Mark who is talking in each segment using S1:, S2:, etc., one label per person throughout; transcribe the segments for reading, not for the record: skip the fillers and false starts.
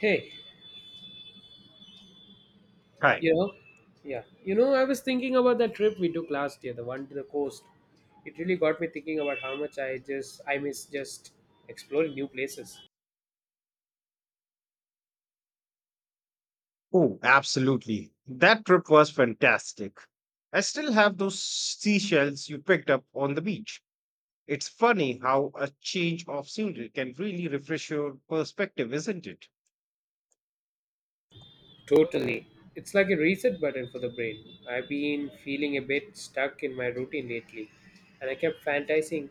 S1: Hey,
S2: Right.
S1: you know, yeah, I was thinking about that trip we took last year, the one to the coast. It really got me thinking about how much I miss just exploring new places.
S2: Oh, absolutely. That trip was fantastic. I still have those seashells you picked up on the beach. It's funny how a change of scenery can really refresh your perspective, isn't it?
S1: Totally, it's like a reset button for the brain. I've been feeling a bit stuck in my routine lately, and I kept fantasizing,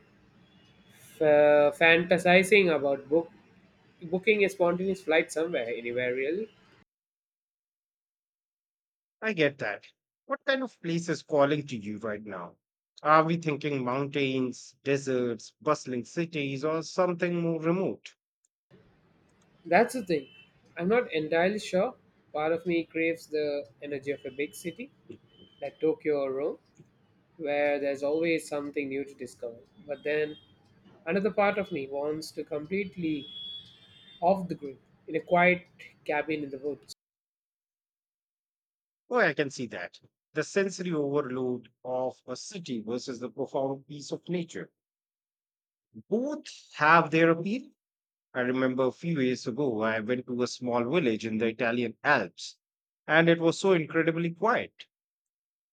S1: f- fantasizing about booking a spontaneous flight somewhere, anywhere really.
S2: I get that. What kind of place is calling to you right now? Are we thinking mountains, deserts, bustling cities, or something more remote?
S1: That's the thing. I'm not entirely sure. Part of me craves the energy of a big city, like Tokyo or Rome, where there's always something new to discover. But then another part of me wants to completely off the grid in a quiet cabin in the woods.
S2: Oh, I can see that. The sensory overload of a city versus the profound peace of nature. Both have their appeal. I remember a few years ago, I went to a small village in the Italian Alps, and it was so incredibly quiet.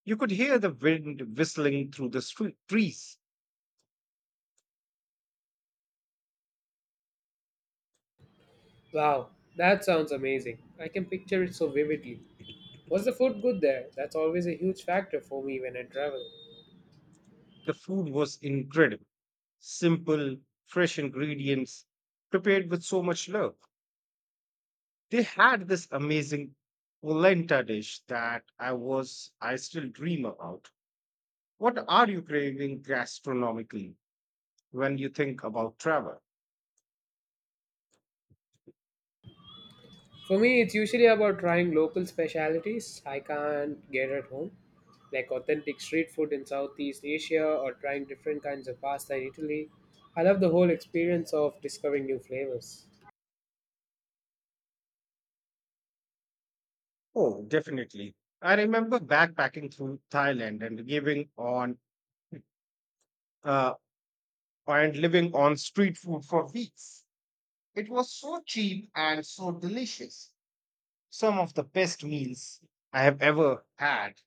S2: You could hear the wind whistling through the street trees.
S1: Wow, that sounds amazing. I can picture it so vividly. Was the food good there? That's always a huge factor for me when I travel.
S2: The food was incredible. Simple, fresh ingredients prepared with so much love. They had this amazing polenta dish that I still dream about. What are you craving gastronomically when you think about travel?
S1: For me, it's usually about trying local specialities I can't get at home, like authentic street food in Southeast Asia or trying different kinds of pasta in Italy. I love the whole experience of discovering new flavors.
S2: Oh, definitely. I remember backpacking through Thailand and uh, living on street food for weeks. It was so cheap and so delicious. Some of the best meals I have ever had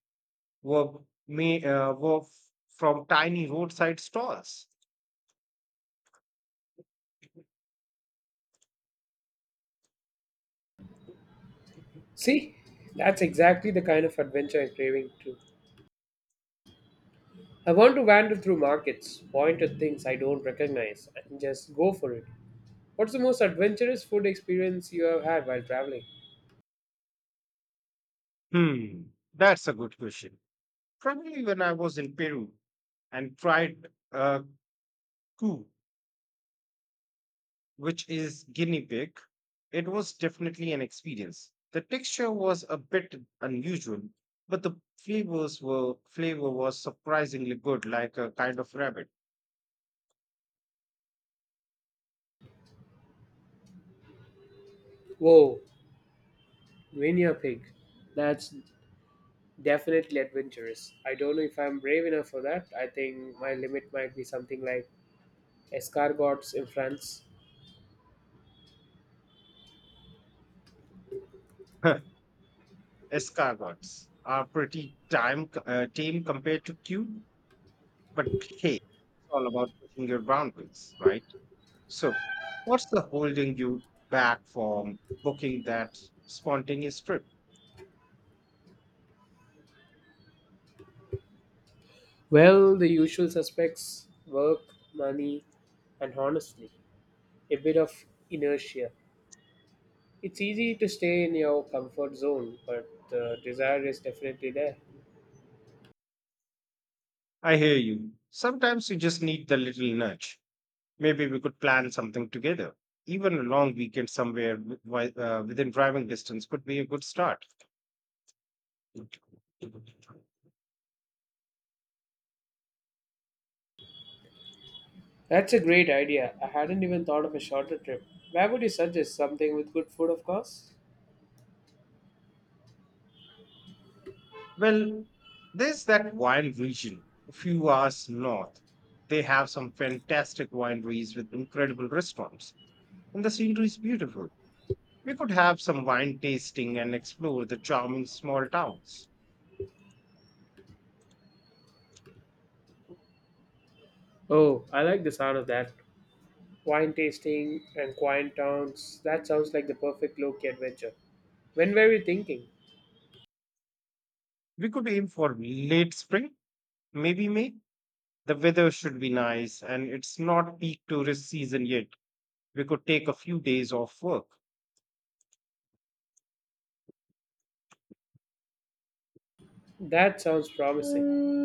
S2: were were from tiny roadside stalls.
S1: See, that's exactly the kind of adventure I'm craving too. I want to wander through markets, point at things I don't recognize, and just go for it. What's the most adventurous food experience you have had while traveling?
S2: Hmm, that's a good question. Probably when I was in Peru and tried coup, which is guinea pig. It was definitely an experience. The texture was a bit unusual, but the flavor was surprisingly good, like a kind of rabbit.
S1: Whoa, guinea pig. That's definitely adventurous. I don't know if I'm brave enough for that. I think my limit might be something like escargots in France.
S2: Escargots are pretty time tame compared to cute, but hey, it's all about pushing your boundaries, right? So, what's the holding you back from booking that spontaneous trip?
S1: Well, the usual suspects work, money, and honestly, a bit of inertia. It's easy to stay in your comfort zone, but the desire is definitely there.
S2: I hear you. Sometimes you just need the little nudge. Maybe we could plan something together. Even a long weekend somewhere within driving distance could be a good start.
S1: That's a great idea. I hadn't even thought of a shorter trip. Where would you suggest something with good food, of course?
S2: Well, there's that wine region a few hours north. They have some fantastic wineries with incredible restaurants, and the scenery is beautiful. We could have some wine tasting and explore the charming small towns.
S1: Oh, I like the sound of that. Wine tasting and quiet towns. That sounds like the perfect low-key adventure. When were we thinking?
S2: We could aim for late spring, maybe May. The weather should be nice, and it's not peak tourist season yet. We could take a few days off work.
S1: That sounds promising.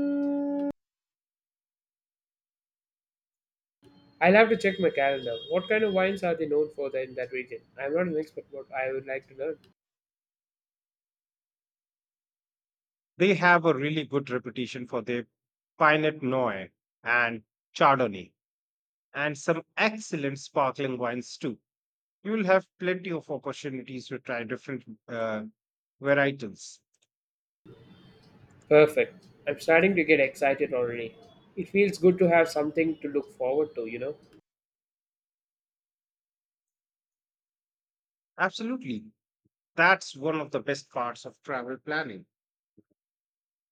S1: I'll have to check my calendar. What kind of wines are they known for there in that region? I'm not an expert, but I would like to learn.
S2: They have a really good reputation for their Pinot Noir and Chardonnay and some excellent sparkling wines too. You will have plenty of opportunities to try different varietals.
S1: Perfect. I'm starting to get excited already. It feels good to have something to look forward to, you know?
S2: Absolutely. That's one of the best parts of travel planning.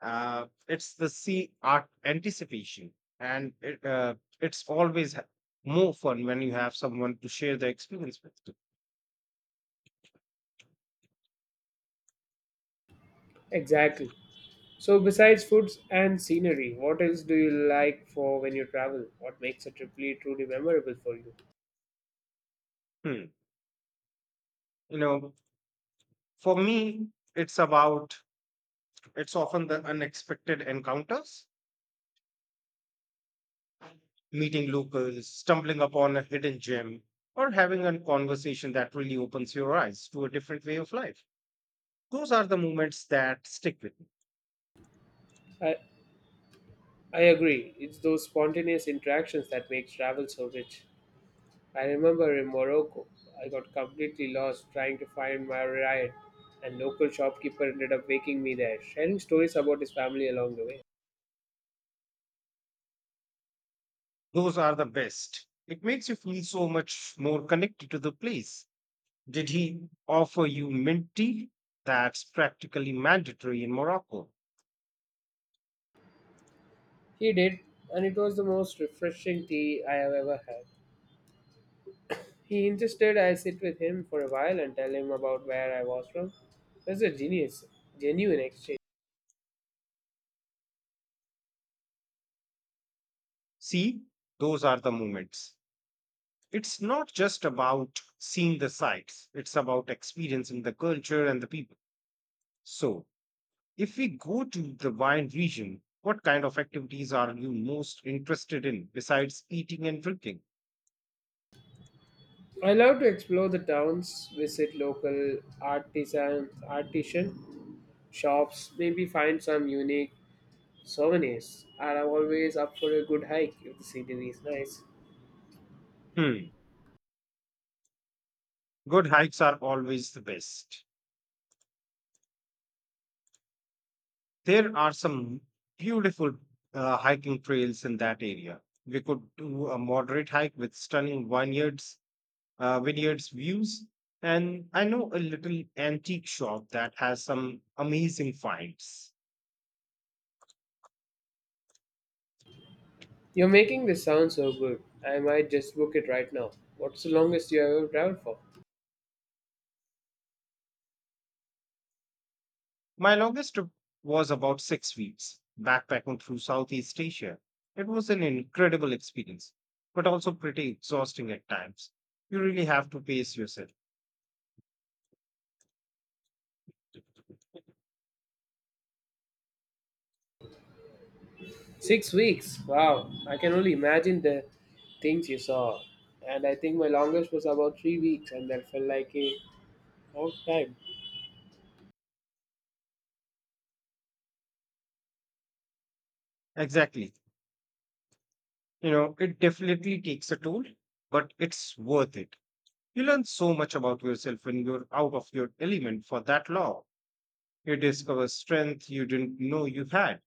S2: It's the sea art anticipation, and it's always more fun when you have someone to share the experience with.
S1: Exactly. So, besides foods and scenery, what else do you like for when you travel? What makes a trip really truly memorable for you?
S2: Hmm. You know, for me, it's about it's often the unexpected encounters, meeting locals, stumbling upon a hidden gem, or having a conversation that really opens your eyes to a different way of life. Those are the moments that stick with me.
S1: I, I agree. It's those spontaneous interactions that make travel so rich. I remember in Morocco, I got completely lost trying to find my ride, and local shopkeeper ended up waking me there, sharing stories about his family along the way.
S2: Those are the best. It makes you feel so much more connected to the place. Did he offer you mint tea? That's practically mandatory in Morocco.
S1: He did, and it was the most refreshing tea I have ever had. He insisted I sit with him for a while and tell him about where I was from. It was a genuine exchange.
S2: See, those are the moments. It's not just about seeing the sights, it's about experiencing the culture and the people. So, if we go to the wine region, what kind of activities are you most interested in besides eating and drinking?
S1: I love to explore the towns, visit local artisan, shops, maybe find some unique souvenirs. And I'm always up for a good hike if the scenery is nice.
S2: Hmm, good hikes are always the best. There are some beautiful hiking trails in that area. We could do a moderate hike with stunning vineyards views, and I know a little antique shop that has some amazing finds.
S1: You're making this sound so good. I might just book it right now. What's the longest you have ever traveled for?
S2: My longest trip was about 6 weeks, backpacking through Southeast Asia. It was an incredible experience, but also pretty exhausting at times. You really have to pace yourself.
S1: 6 weeks. Wow. I can only imagine the things you saw. And I think my longest was about 3 weeks, and that felt like a long time.
S2: Exactly. You know, it definitely takes a toll, but it's worth it. You learn so much about yourself when you're out of your element for that long. You discover strength you didn't know you had.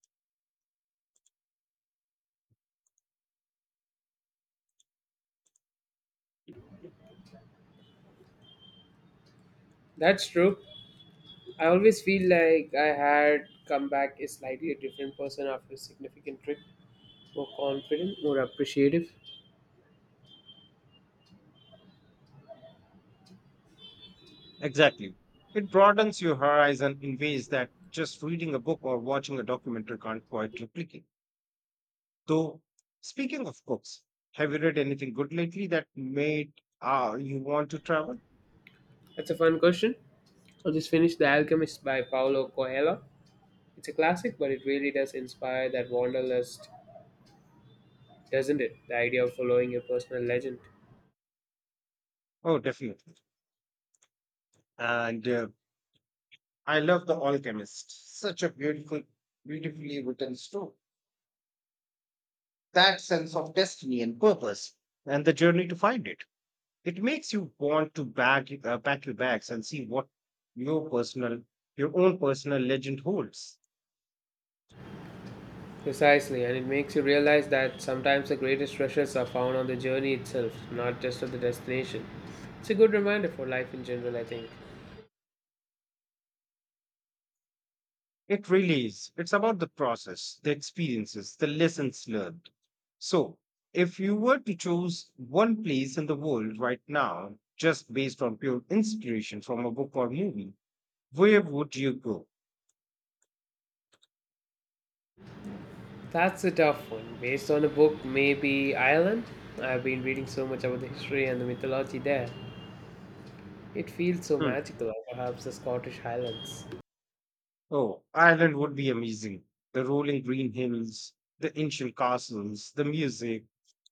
S1: That's true. I always feel like I had come back a slightly different person after a significant trip. More confident, more appreciative.
S2: Exactly. It broadens your horizon in ways that just reading a book or watching a documentary can't quite replicate. Though, speaking of books, have you read anything good lately that made you want to travel?
S1: That's a fun question. I just finished The Alchemist by Paulo Coelho. It's a classic, but it really does inspire that wanderlust, doesn't it? The idea of following a personal legend.
S2: Oh, definitely. And I love The Alchemist. Such a beautiful, beautifully written story. That sense of destiny and purpose and the journey to find it. It makes you want to pack your bags and see what your personal, your own personal legend holds.
S1: Precisely, and it makes you realize that sometimes the greatest treasures are found on the journey itself, not just at the destination. It's a good reminder for life in general, I think.
S2: It really is. It's about the process, the experiences, the lessons learned. So, if you were to choose one place in the world right now, just based on pure inspiration from a book or movie, where would you go?
S1: That's a tough one. Based on a book, maybe Ireland? I've been reading so much about the history and the mythology there. It feels so
S2: Hmm.
S1: magical, or perhaps the Scottish Highlands.
S2: Oh, Ireland would be amazing. The rolling green hills, the ancient castles, the music.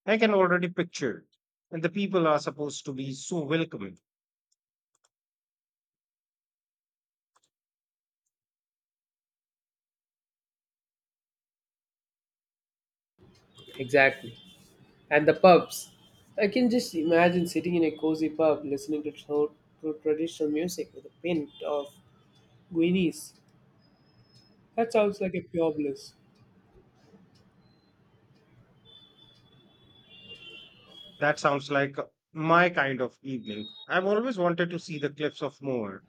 S2: I can already picture it. And the people are supposed to be so welcoming.
S1: Exactly. And the pubs. I can just imagine sitting in a cozy pub listening to traditional music with a pint of Guinness. That sounds like a pure bliss.
S2: That sounds like my kind of evening. I've always wanted to see the cliffs of Moher.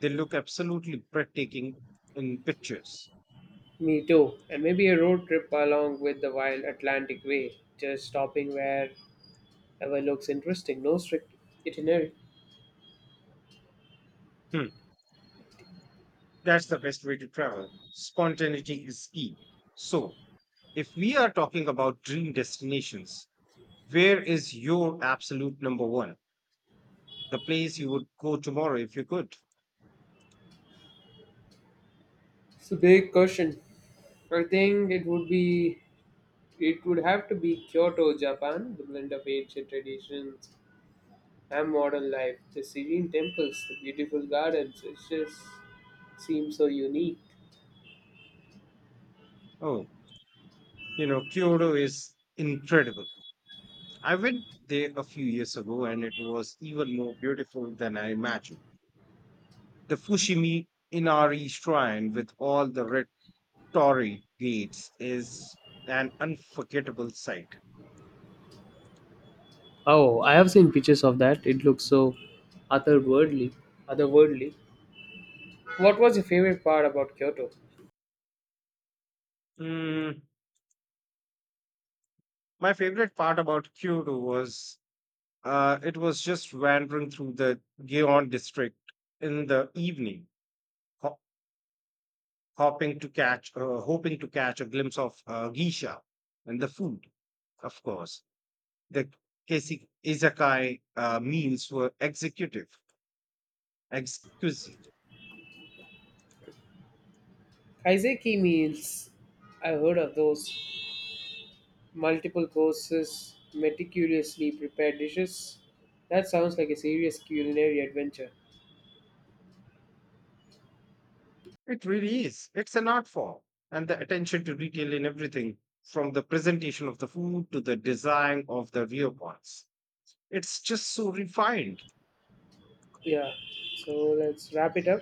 S2: They look absolutely breathtaking in pictures.
S1: Me too. And maybe a road trip along with the wild Atlantic Way, just stopping wherever looks interesting. No strict itinerary.
S2: Hmm, that's the best way to travel. Spontaneity is key. So, if we are talking about dream destinations, where is your absolute number one? The place you would go tomorrow if you could.
S1: It's a big question. I think it would have to be Kyoto, Japan, the blend of ancient traditions and modern life. The serene temples, the beautiful gardens, it just seems so unique.
S2: Oh, Kyoto is incredible. I went there a few years ago and it was even more beautiful than I imagined. The Fushimi Inari Shrine with all the red torii gates is an unforgettable sight.
S1: Oh, I have seen pictures of that. It looks so otherworldly. otherworldly. What was your favorite part about Kyoto?
S2: Mm, My favorite part about Kyoto was just wandering through the Gion district in the evening, ho- hoping to catch a glimpse of geisha and the food. Of course, the izakai meals were exquisite.
S1: Kaiseki meals. I heard of those. Multiple courses, meticulously prepared dishes. That sounds like a serious culinary adventure.
S2: It really is. It's an art form. And the attention to detail in everything, from the presentation of the food to the design of the rear parts. It's just so refined.
S1: Yeah. So let's wrap it up.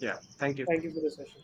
S2: Yeah. Thank you.
S1: Thank you for the session.